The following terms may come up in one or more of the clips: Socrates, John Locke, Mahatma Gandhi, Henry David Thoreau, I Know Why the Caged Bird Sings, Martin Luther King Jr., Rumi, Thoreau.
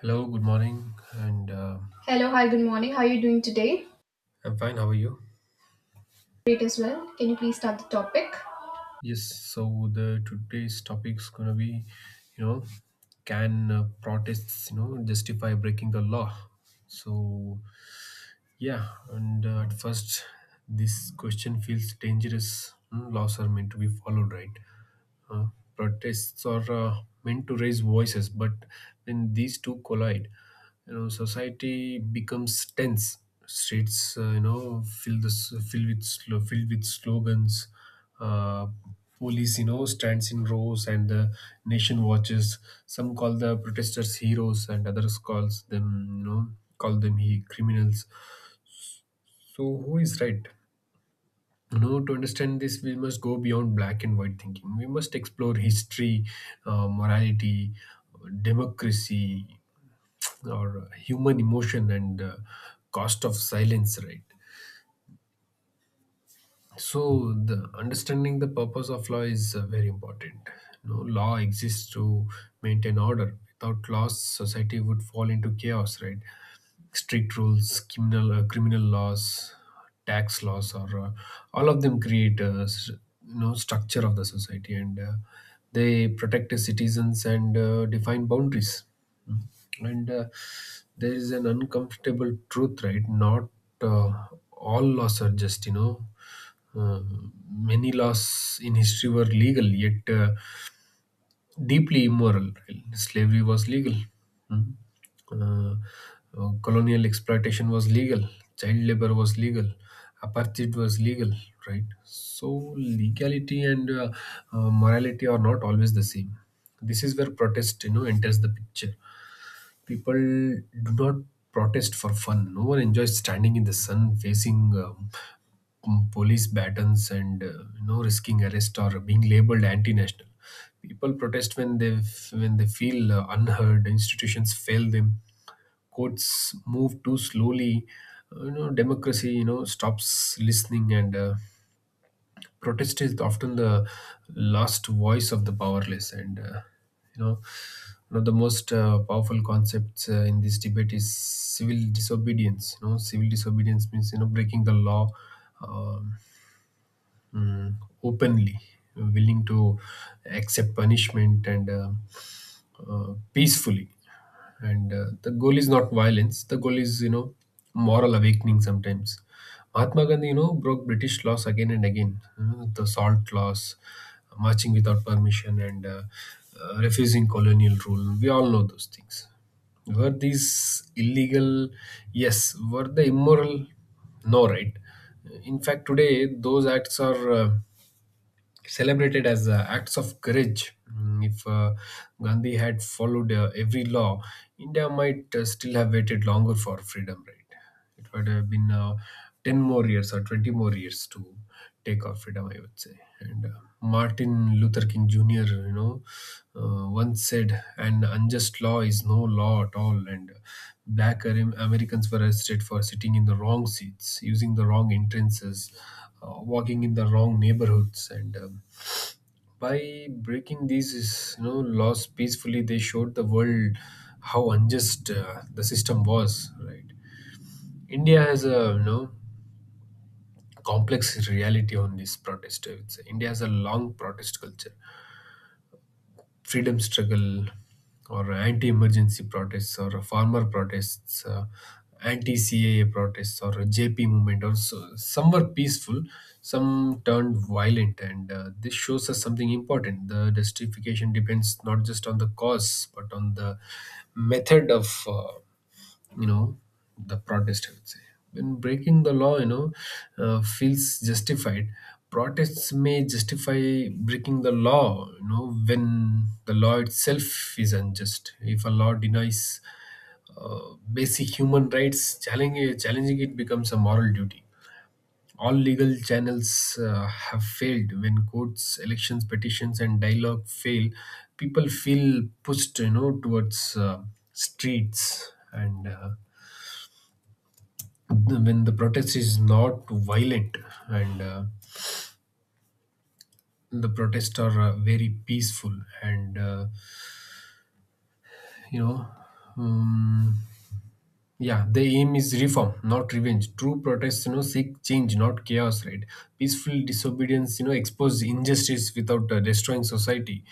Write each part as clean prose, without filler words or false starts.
Hello, good morning, and Hello, hi, good morning. How are you doing today? I'm fine. How are you? Great as well. Can you please start the topic? yes, so the today's topic is gonna be, you know, can protests, you know, justify breaking the law? So yeah, and at first, this question feels dangerous. Hmm, laws are meant to be followed, right? uh, Protests are meant to raise voices, but when these two collide, you know, society becomes tense. Streets, filled with filled with slogans. Uh, Police, you know, stands in rows, and the nation watches. Some call the protesters heroes, and others calls them, call them he criminals. So who is right? You know, to understand this we must go beyond black and white thinking. We must explore history, morality, democracy, or human emotion, and cost of silence, right? So the understanding the purpose of law is very important. You know, law exists to maintain order. Without laws society would fall into chaos, right? Strict rules, criminal criminal laws, tax laws, or all of them create you know, structure of the society, and they protect the citizens and define boundaries. Mm. And there is an uncomfortable truth, right? Not uh, all laws are just, you know. uh, Many laws in history were legal, yet deeply immoral, right? Slavery was legal. Mm. Uh, Colonial exploitation was legal. Child labor was legal. Apartheid was legal, right? So legality and morality are not always the same. This is where protest, you know, enters the picture. People do not protest for fun. No one enjoys standing in the sun facing police batons and you know, risking arrest or being labeled anti-national. People protest when when they feel unheard. Institutions fail them. Courts move too slowly. You know, democracy, you know, stops listening. And. Protest is often the last voice of the powerless, and you know one of the most powerful concepts in this debate is civil disobedience. You know, civil disobedience means, you know, breaking the law um, mm, openly, willing to accept punishment, and peacefully. And the goal is not violence. The goal is, you know, moral awakening. Sometimes Mahatma Gandhi, you know, broke British laws again and again. You know, the salt laws, marching without permission, and refusing colonial rule, we all know those things. Were these illegal? Yes. Were they immoral? No, right? In fact, today those acts are celebrated as acts of courage. Mm, If Gandhi had followed every law, India might still have waited longer for freedom, right? It would have been 10 more years or 20 more years to take our freedom, I would say. And Martin Luther King Jr., you know, once said, an unjust law is no law at all. And black Americans were arrested for sitting in the wrong seats, using the wrong entrances, walking in the wrong neighborhoods, and by breaking you know, laws peacefully, they showed the world how unjust the system was, right? India has a, you know, complex reality on this protest, I would say. India has a long protest culture: freedom struggle or anti-emergency protests or farmer protests, anti-CAA protests or JP movement, or so. Some were peaceful, some turned violent, and this shows us something important. The justification depends not just on the cause but on the method of you know the protest, I would say. When breaking the law, you know, feels justified, protests may justify breaking the law, you know, when the law itself is unjust. If a law denies uh, basic human rights, challenging it becomes a moral duty. All legal channels have failed. When courts, elections, petitions and dialogue fail, people feel pushed, you know, towards streets. And when the protest is not violent, and the protests are very peaceful, and you know um, yeah, the aim is reform, not revenge. True protests, you know, seek change, not chaos, right? Peaceful disobedience, you know, expose injustice without destroying society.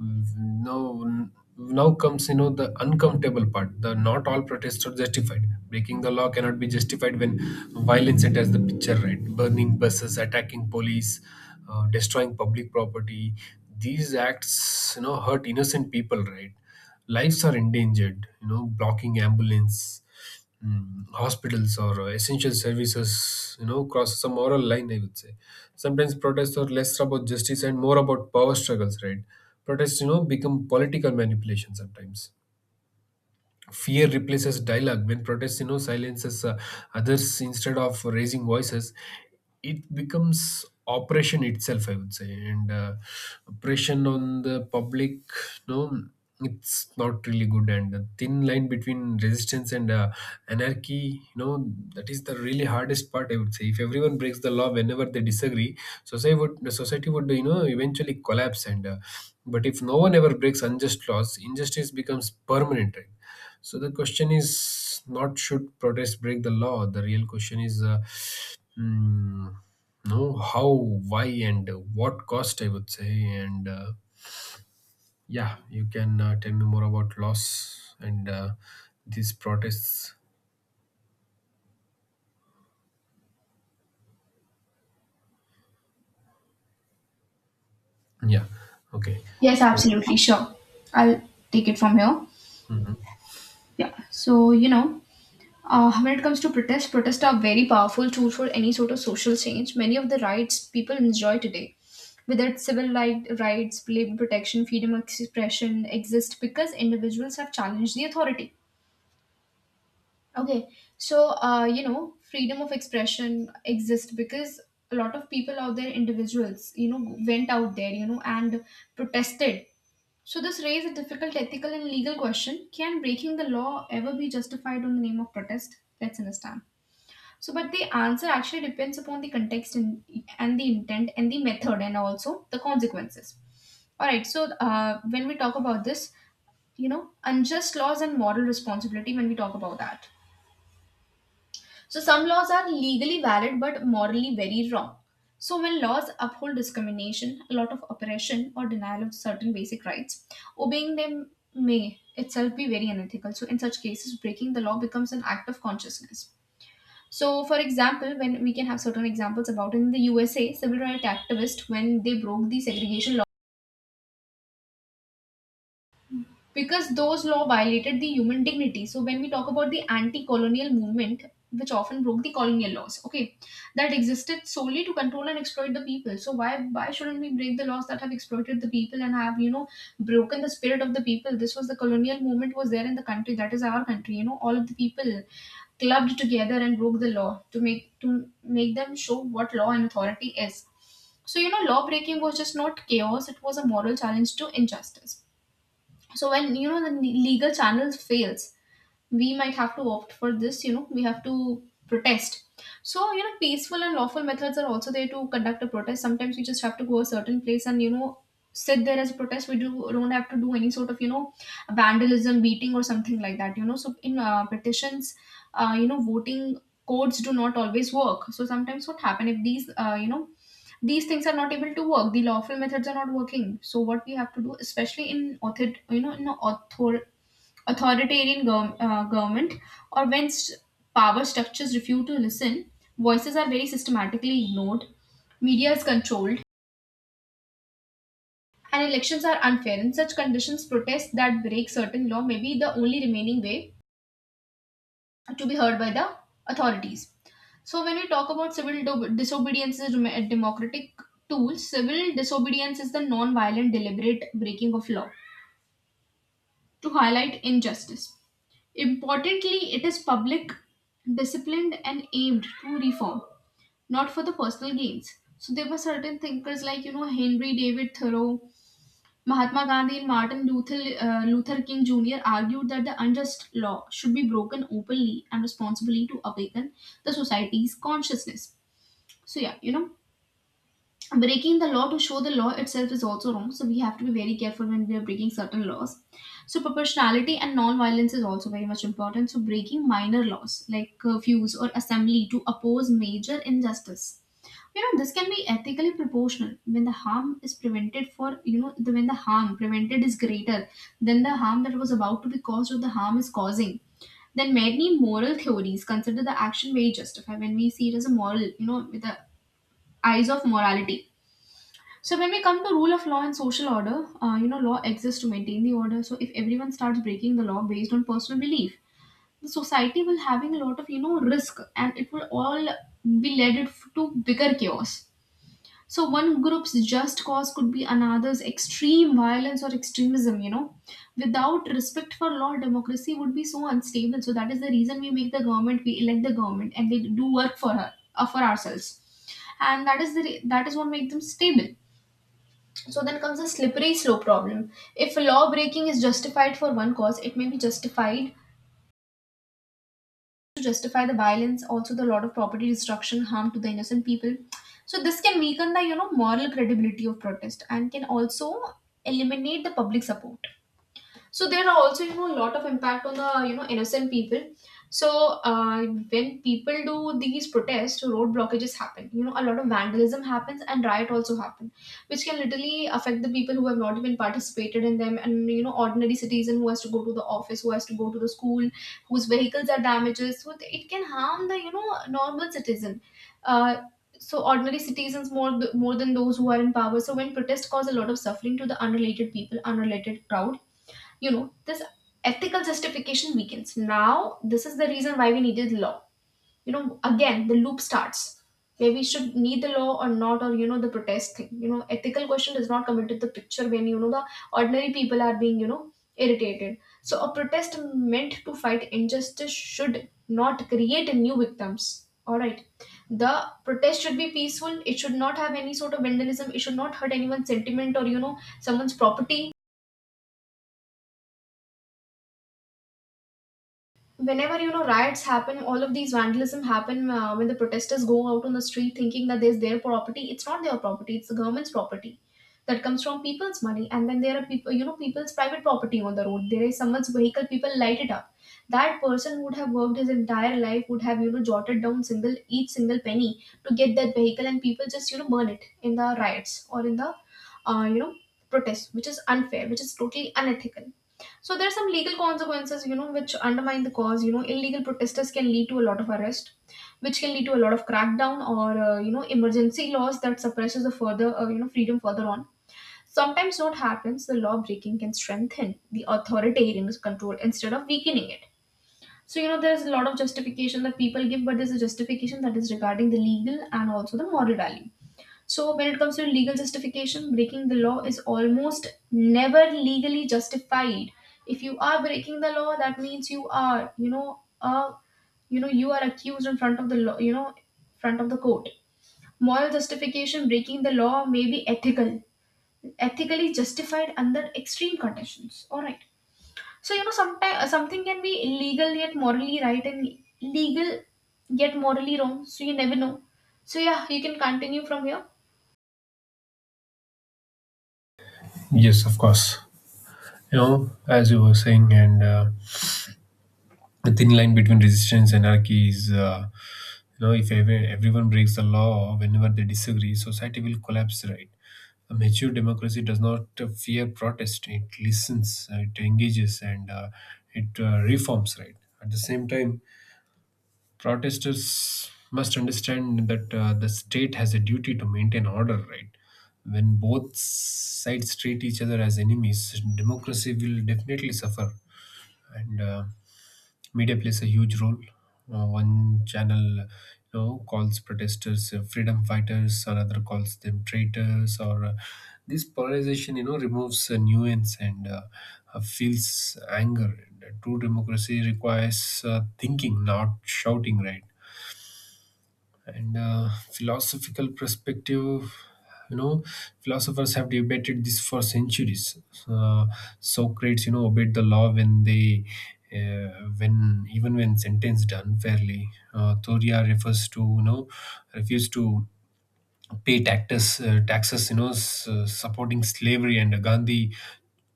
Mm, Now, now comes, you know, the uncomfortable part. The Not all protests are justified. Breaking the law cannot be justified when violence enters the picture, right? Burning buses, attacking police, destroying public property. These acts, you know, hurt innocent people, right? Lives are endangered, you know, blocking ambulance, mm, hospitals or essential services, you know, cross some moral line, I would say. Sometimes protests are less about justice and more about power struggles, right? Protests, you know, become political manipulation sometimes. Fear replaces dialogue when protest, you know, silences others instead of raising voices. It becomes oppression itself, I would say, and oppression on the public. No, it's not really good. And the thin line between resistance and anarchy, you know, that is the really hardest part, I would say. If everyone breaks the law whenever they disagree, society would you know, eventually collapse. And but if no one ever breaks unjust laws, injustice becomes permanent, right? So the question is not, should protest break the law? The real question is, mm, no, how, why, and what cost, I would say. And yeah, you can tell me more about loss and these protests. Yeah, okay. Yes, So absolutely, sure. I'll take it from here. mhm. Yeah, so you know, when it comes to protests, protests are very powerful tool for any sort of social change. Many of the rights people enjoy today, whether it's rights, labor protection, freedom of expression, exist because individuals have challenged the authority. Okay, so freedom of expression exists because a lot of people out there, individuals, went out there, and protested. So this raises a difficult ethical and legal question: Can breaking the law ever be justified on the name of protest? Let's understand. So, but the answer actually depends upon the context and the intent and the method and also the consequences. All right. So, when we talk about this, you know, unjust laws and moral responsibility, when we talk about that. So some laws are legally valid but morally very wrong. So when laws uphold discrimination, a lot of oppression or denial of certain basic rights, obeying them may itself be very unethical. So in such cases, breaking the law becomes an act of consciousness. So for example, when we can have certain examples about in the USA, civil rights activists when they broke the segregation law, because those laws violated the human dignity. So when we talk about the anti-colonial movement, which often broke the colonial laws, okay, that existed solely to control and exploit the people. So why shouldn't we break the laws that have exploited the people and have you know broken the spirit of the people? This was the colonial movement was there in the country. That is our country. You know, all of the people clubbed together and broke the law to make them show what law and authority is. So you know, law breaking was just not chaos; it was a moral challenge to injustice. So when you know the legal channels fails, we might have to opt for this. You know, we have to protest. So you know, peaceful and lawful methods are also there to conduct a protest. Sometimes we just have to go a certain place and you know sit there as a protest. We do don't have to do any sort of you know vandalism, beating, or something like that. You know, so in petitions, you know, voting codes do not always work. So sometimes what happen if these you know these things are not able to work, the lawful methods are not working, so what we have to do, especially in authoritarian government, or when power structures refuse to listen, voices are very systematically ignored, media is controlled, and elections are unfair. In such conditions, protests that break certain law may be the only remaining way to be heard by the authorities. So, when we talk about civil disobedience as democratic tools, civil disobedience is the non violent deliberate breaking of law to highlight injustice. Importantly, it is public, disciplined, and aimed to reform, not for the personal gains. So there were certain thinkers like you know Henry David Thoreau, Mahatma Gandhi, and Martin Luther King Jr. argued that the unjust law should be broken openly and responsibly to awaken the society's consciousness. So yeah, you know breaking the law to show the law itself is also wrong, so we have to be very careful when we are breaking certain laws. So proportionality and non-violence is also very much important. So breaking minor laws like curfews or assembly to oppose major injustice, you know, this can be ethically proportional. When the harm is prevented for when the harm prevented is greater than the harm that was about to be caused or the harm is causing, then many moral theories consider the action very justified when we see it as a moral, you know, with the eyes of morality. So when we come to rule of law and social order, you know, law exists to maintain the order. So if everyone starts breaking the law based on personal belief, the society will having a lot of you know risk, and it will all be led it to bigger chaos. So one group's just cause could be another's extreme violence or extremism. You know, without respect for law, democracy would be so unstable. So that is the reason we make the government, we elect the government, and they do work for her, for ourselves, and that is that is what makes them stable. So then comes a slippery slope problem. If law breaking is justified for one cause, it may be justified to justify the violence, also the lot of property destruction, harm to the innocent people. So this can weaken the you know moral credibility of protest and can also eliminate the public support. So there are also you know a lot of impact on the you know innocent people. So uh, when people do these protests, road blockages happen, you know, a lot of vandalism happens, and riot also happen, which can literally affect the people who have not even participated in them. And you know ordinary citizen who has to go to the office, who has to go to the school, whose vehicles are damaged, so it can harm the you know normal citizen. Uh, so ordinary citizens more more than those who are in power. So when protests cause a lot of suffering to the unrelated people, unrelated crowd, you know, this ethical justification weakens. Now this is the reason why we needed law. You know, again the loop starts where we should need the law or not, or you know the protest thing, you know, ethical question does not come into the picture when you know the ordinary people are being you know irritated. So a protest meant to fight injustice should not create new victims. All right. The protest should be peaceful, it should not have any sort of vandalism, it should not hurt anyone's sentiment or you know someone's property. Whenever you know riots happen, all of these vandalism happen, when the protesters go out on the street thinking that there's their property, it's not their property, it's the government's property that comes from people's money. And then there are people's private property on the road, there is someone's vehicle, people light it up. That person would have worked his entire life, would have you know jotted down single each single penny to get that vehicle, and people just you know burn it in the riots or in the uh, you know protests, which is unfair, which is totally unethical. So there are some legal consequences, you know, which undermine the cause. You know, illegal protesters can lead to a lot of arrest, which can lead to a lot of crackdown or you know emergency laws that suppresses the further you know freedom further on. Sometimes what happens, the law breaking can strengthen the authoritarian control instead of weakening it. So you know, there's a lot of justification that people give, but there's a justification that is regarding the legal and also the moral value. So, when it comes to legal justification, breaking the law is almost never legally justified. If you are breaking the law, that means you are, you are accused in front of the law, you know, front of the court. Moral justification, breaking the law may be ethically justified under extreme conditions. All right. So you know, sometimes something can be illegal yet morally right, and legal yet morally wrong. So you never know. So yeah, you can continue from here. Yes, of course. You know, as you were saying, and the thin line between resistance and anarchy is, you know, if everyone breaks the law whenever they disagree, society will collapse, right? A mature democracy does not fear protest. It listens, it engages, and it reforms, right? At the same time, protesters must understand that the state has a duty to maintain order, right? When both sides treat each other as enemies, democracy will definitely suffer. And media plays a huge role. One channel, you know, calls protesters freedom fighters, another calls them traitors. Or this polarization, you know, removes nuance and feels anger. And true democracy requires thinking, not shouting, right? And philosophical perspective, you know, philosophers have debated this for centuries. uh, Socrates, you know, obeyed the law when they when even when sentenced unfairly. Thoria refers to, you know, refused to pay taxes, taxes, you know, supporting slavery. And Gandhi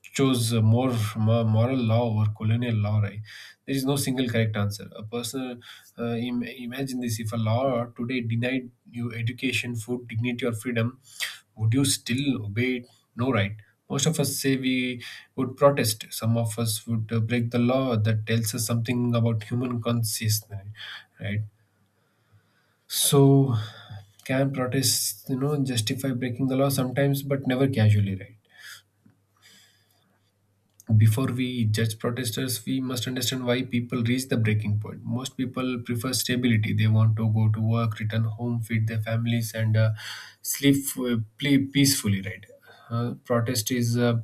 chose a more moral law over colonial law, right? There is no single correct answer. A personal imagine this: if a law today denied you education, food, dignity, or freedom, would you still obey it? No, right? Most of us say we would protest. Some of us would break the law. That tells us something about human consciousness, right? So, can protests, you know, justify breaking the law? Sometimes, but never casually, right? Before we judge protesters, we must understand why people reach the breaking point. Most people prefer stability. They want to go to work, return home, feed their families, and sleep, play peacefully, right? Protest is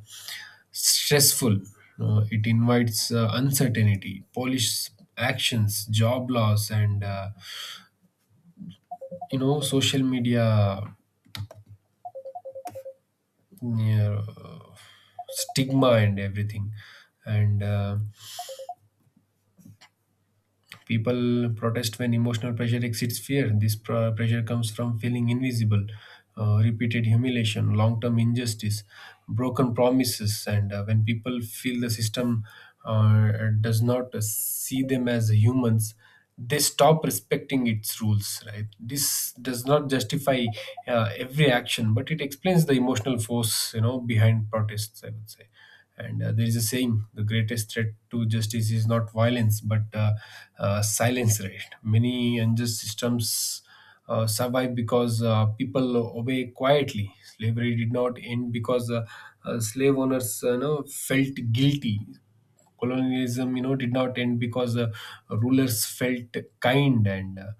stressful. It invites uncertainty, polish actions, job loss, and you know, social media uh, stigma and everything. And people protest when emotional pressure exceeds fear. This pressure comes from feeling invisible, repeated humiliation, long-term injustice, broken promises. And when people feel the system uh, does not see them as humans, they stop respecting its rules, right? This does not justify every action, but it explains the emotional force, you know, behind protests, I would say. And there is a saying, the greatest threat to justice is not violence but silence, right? Many unjust systems survive because people obey quietly. Slavery did not end because slave owners, you know, felt guilty. Colonialism, you know, did not end because rulers felt kind, and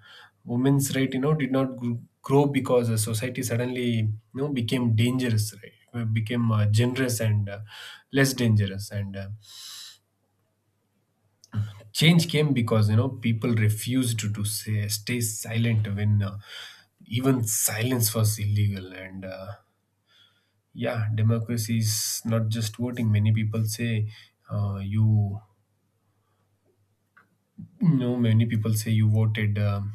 women's right, you know, did not grow because society suddenly became generous and less dangerous. And change came because, you know, people refused to stay silent when even silence was illegal. And yeah, democracy is not just voting. Many people say, uh, you you know, many people say, you voted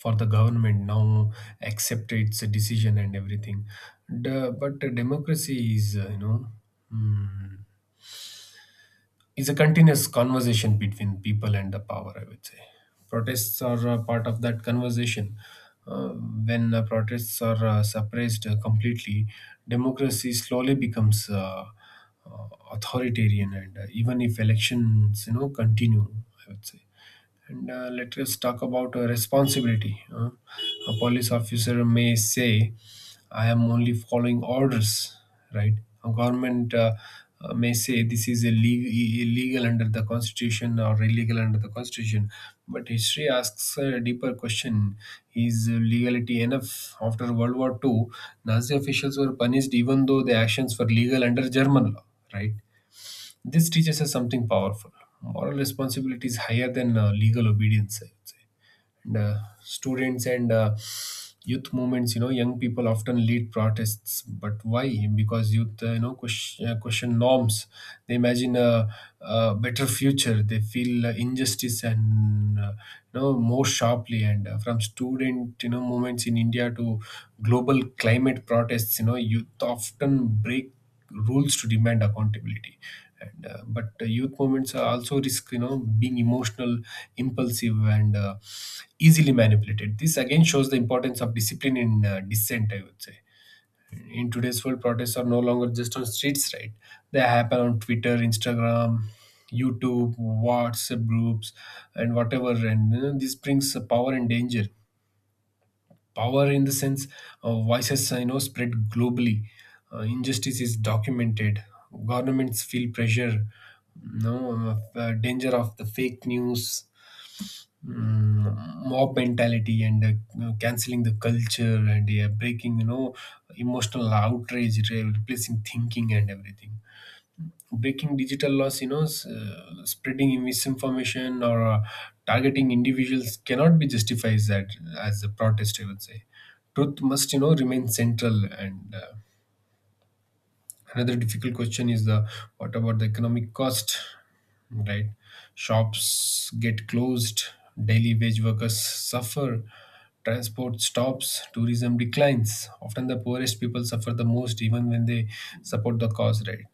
for the government, now accept its decision and everything. But the democracy is, you know, mm, is a continuous conversation between people and the power, I would say. Protests are a part of that conversation. When protests are suppressed completely, democracy slowly becomes uh, authoritarian, and even if elections, you know, continue, I would say. And let us talk about responsibility. A police officer may say, I am only following orders, right? A government may say this is illegal, illegal under the constitution or illegal under the constitution. But history asks a deeper question. Is legality enough? After World War II, Nazi officials were punished even though their actions were legal under German law, right? This teaches us something powerful. Moral responsibility is higher than legal obedience, I would say. And students and youth movements, you know, young people often lead protests. But why? Because youth, question norms. They imagine a better future. They feel injustice and, more sharply. And from student, you know, movements in India to global climate protests, you know, youth often break rules to demand accountability and but youth movements are also risk, you know, being emotional, impulsive, and easily manipulated. This again shows the importance of discipline in dissent, I would say. In today's world, protests are no longer just on streets, right? They happen on Twitter, Instagram, YouTube, WhatsApp groups, and whatever, and you know, this brings power and danger. Power in the sense, voices, you know, spread globally, injustice is documented, governments feel pressure, no? Uh, danger of the fake news, mob mentality, and you know, canceling the culture, and yeah, breaking, you know, emotional outrage replacing thinking and everything. Breaking digital laws, you know, spreading misinformation or targeting individuals cannot be justified as a protest, I would say. Truth must, you know, remain central. And another difficult question is the what about the economic cost, right? Shops get closed, daily wage workers suffer, transport stops, tourism declines. Often the poorest people suffer the most, even when they support the cause, right?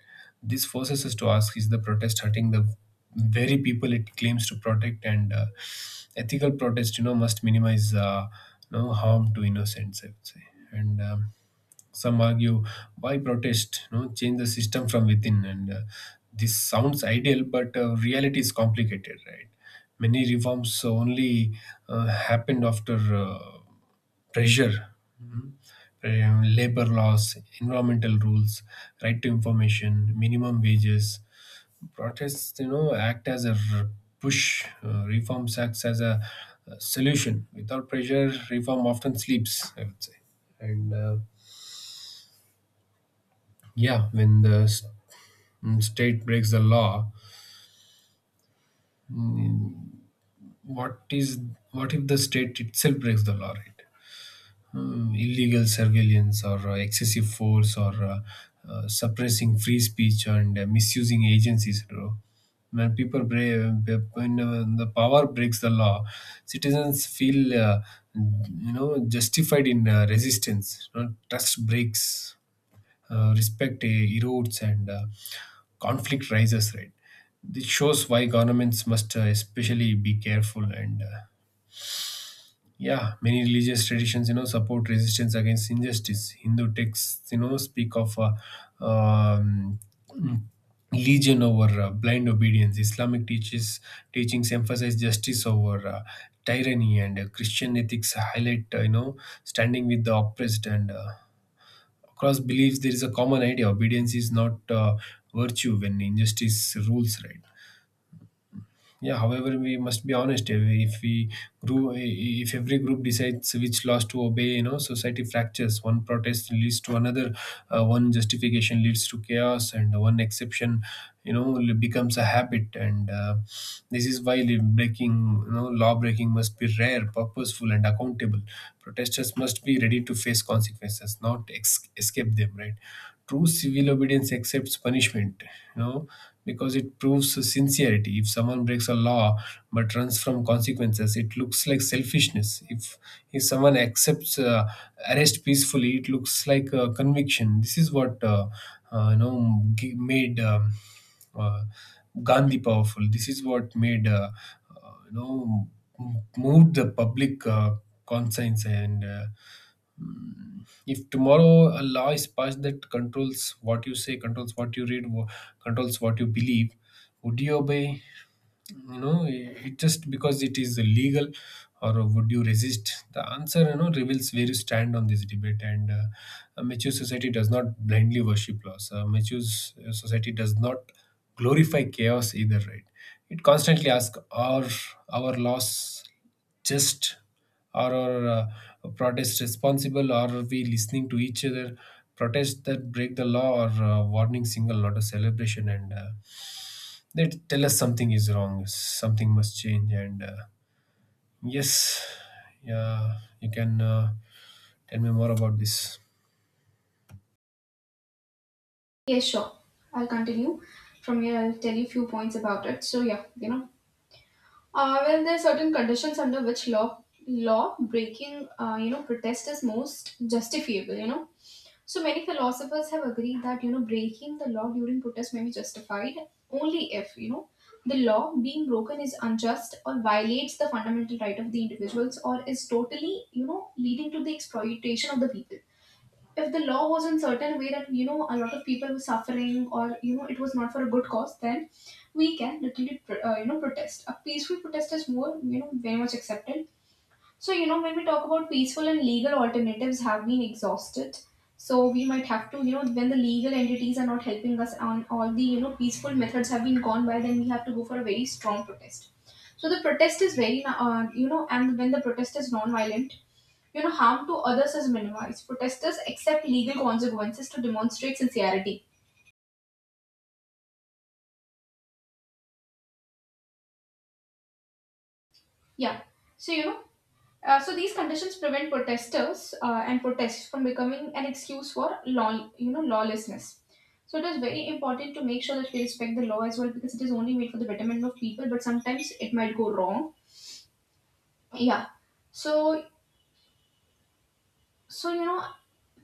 This forces us to ask, is the protest hurting the very people it claims to protect? And ethical protest, you know, must minimize no harm to innocents, I would say. And some argue, why protest? No, change the system from within. And this sounds ideal, but reality is complicated, right? Many reforms only happened after pressure, labor laws, environmental rules, right to information, minimum wages. Protests, you know, act as a push. Reforms acts as a solution. Without pressure, reform often sleeps, I would say. And yeah, when the s- mm, state breaks the law what is what if the state itself breaks the law, right? Hmm, illegal surveillance, or excessive force, or suppressing free speech, and misusing agencies, bro. When people break uh, when the power breaks the law, citizens feel you know justified in resistance, you know, trust breaks, respect erodes, and conflict rises, right? This shows why governments must especially be careful. And yeah, many religious traditions, you know, support resistance against injustice. Hindu texts, you know, speak of um, legion over blind obedience. Islamic teaches teachings emphasize justice over tyranny, and Christian ethics highlight, you know, standing with the oppressed. And across beliefs there is a common idea. Obedience is not virtue when injustice rules, right? Yeah, however, we must be honest. If we grew if every group decides which laws to obey, you know, society fractures. One protest leads to another, one justification leads to chaos, and one exception, you know, becomes a habit. And this is why li- breaking you know law breaking must be rare, purposeful, and accountable. Protesters must be ready to face consequences, not escape them, right? True civil obedience accepts punishment, you know, because it proves sincerity. If someone breaks a law but runs from consequences, it looks like selfishness. If someone accepts arrest peacefully, it looks like a conviction. This is what made uh, Gandhi powerful. This is what made uh, you know moved the public conscience. And hmm. If tomorrow a law is passed that controls what you say, controls what you read, controls what you believe, would you obey? You know, it just because it is legal? Or would you resist? The answer, you know, reveals where you stand on this debate. And a mature society does not blindly worship laws. A mature society does not glorify chaos either, right? It constantly asks, are our laws just? Are our protests responsible? Or are we listening to each other? Protests that break the law or warning single, not a celebration. And tell us something is wrong, something must change. And yes, yeah, you can tell me more about this. Yes, sure. I'll continue. From here, I'll tell you few points about it. So, well, there are certain conditions under which law breaking, you know, protest is most justifiable. So many philosophers have agreed that breaking the law during protest may be justified only if the law being broken is unjust or violates the fundamental right of the individuals or is totally leading to the exploitation of the people. If the law was in certain way that a lot of people were suffering or it was not for a good cause, then we can literally protest. A peaceful protest is more you know very much accepted. So when we talk about peaceful and legal alternatives have been exhausted, so we might have to, when the legal entities are not helping us on all the, peaceful methods have been gone by, then we have to go for a very strong protest. So the protest is very and when the protest is non-violent, harm to others is minimized. Protesters accept legal consequences to demonstrate sincerity. Yeah. So, you know, so these conditions prevent protesters and protests from becoming an excuse for law, lawlessness. So it is very important to make sure that we respect the law as well because it is only made for the betterment of people, but sometimes it might go wrong. Yeah. So so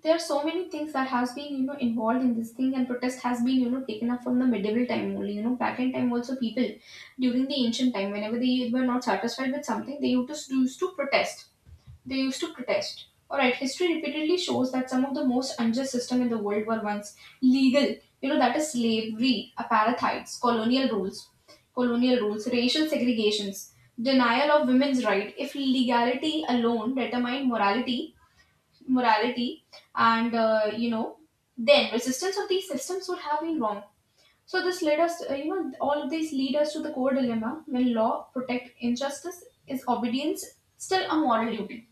there are so many things that has been involved in this thing, and protest has been taken up from the medieval time only. Back in time also, people during the ancient time, whenever they were not satisfied with something, they used to protest. They used to protest. All right, history repeatedly shows that some of the most unjust system in the world were once legal. That is slavery, apartheids, colonial rules, racial segregations, denial of women's right. If legality alone determined morality, and then resistance of these systems would have been wrong. So this led us, all of these lead us to the core dilemma: when law protect injustice, is obedience still a moral duty?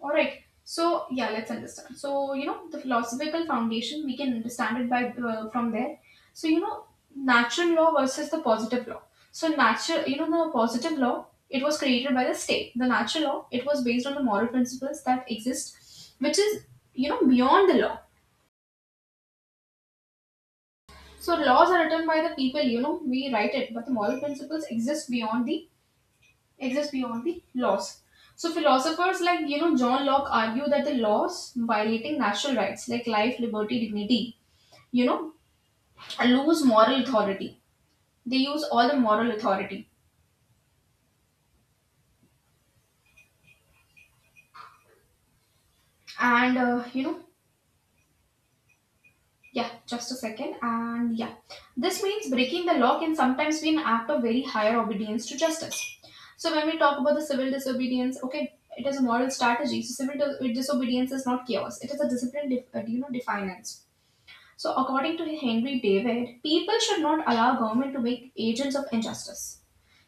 All right. So yeah, let's understand. So the philosophical foundation we can understand it by from there. So natural law versus the positive law. So natural, the positive law, it was created by the state. The natural law, it was based on the moral principles that exist, which is beyond the law. So laws are written by the people. You know we write it, but the moral principles exist beyond the, exists beyond the laws. So philosophers like John Locke argue that the laws violating natural rights like life, liberty, dignity, you know, lose moral authority. They use all the moral authority, and yeah, just a second, and yeah, this means breaking the law can sometimes be an act of very higher obedience to justice. So when we talk about the civil disobedience, okay, it is a moral strategy. So civil disobedience is not chaos; it is a disciplined, defiance. So, according to Henry David, people should not allow government to make agents of injustice.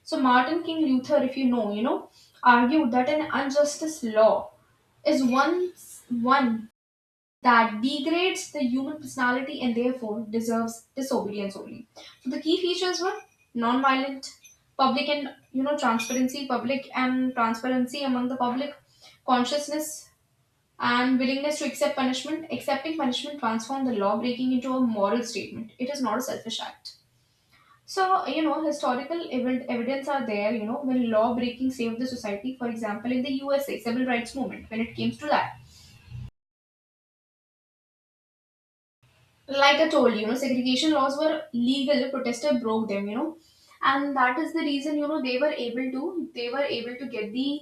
So, Martin King Luther, if you know, argued that an injustice law is one that degrades the human personality and therefore deserves disobedience only. So, the key features were non-violent, public and transparency, public and transparency among the public, consciousness, and willingness to accept punishment. Accepting punishment transformed the law breaking into a moral statement. It is not a selfish act. So historical evidence are there. When law breaking saved the society, for example, in the USA civil rights movement, when it came to that, like I told you, you know segregation laws were legal. Protesters broke them, and that is the reason they were able to, they were able to get the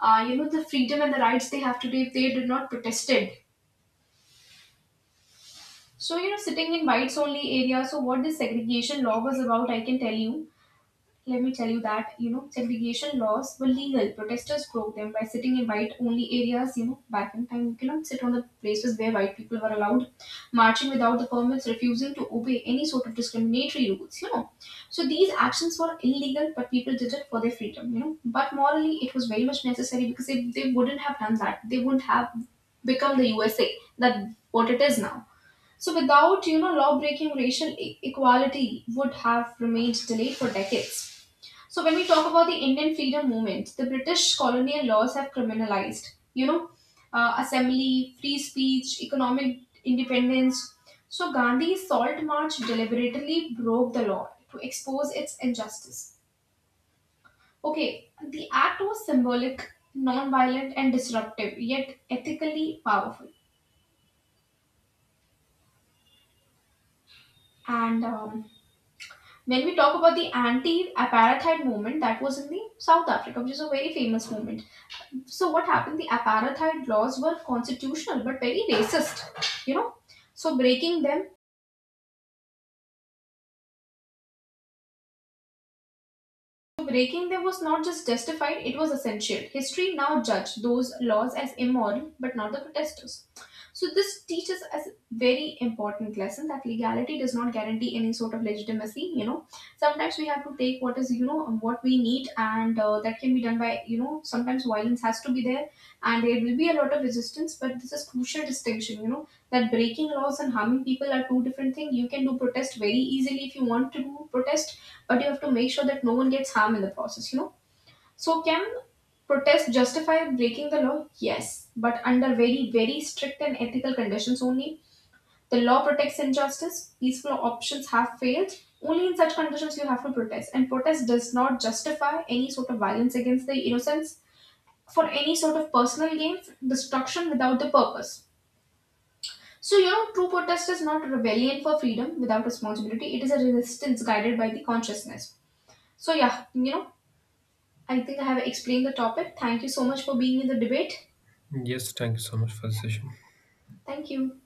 the freedom and the rights they have today. If they did not protested. So, sitting in whites only area. So, what this segregation law was about, I can tell you. Let me tell you that, segregation laws were legal. Protesters broke them by sitting in white only areas. You know, back in time, you cannot sit on the places where white people were allowed, marching without the permits, refusing to obey any sort of discriminatory rules. So, these actions were illegal, but people did it for their freedom. But morally, it was very much necessary because if they wouldn't have done that, they wouldn't have become the USA that what it is now. So without law breaking, racial equality would have remained delayed for decades. So when we talk about the Indian freedom movement, the British colonial laws have criminalized you know assembly, free speech, economic independence. So Gandhi's Salt March deliberately broke the law to expose its injustice. Okay, the act was symbolic, non-violent, and disruptive, yet ethically powerful. And when we talk about the anti-apartheid movement that was in the South Africa, which is a very famous movement. So what happened? The apartheid laws were constitutional but very racist. So breaking them, so, breaking them was not just justified, it was essential. History now judged those laws as immoral, but not the protesters. So, this teaches us a very important lesson that legality does not guarantee any sort of legitimacy. Sometimes we have to take what is, what we need, and that can be done by, sometimes violence has to be there, and there will be a lot of resistance, but this is crucial distinction, that breaking laws and harming people are two different things. You can do protest very easily if you want to do protest, but you have to make sure that no one gets harmed in the process, So can protest justify breaking the law? Yes, but under very, very strict and ethical conditions only. The law protects injustice, peaceful options have failed. Only in such conditions you have to protest. And protest does not justify any sort of violence against the innocents for any sort of personal gain, destruction without the purpose. So, true protest is not rebellion for freedom without responsibility. It is a resistance guided by the consciousness. So, yeah, I think I have explained the topic. Thank you so much for being in the debate. Yes, thank you so much for the session. Thank you.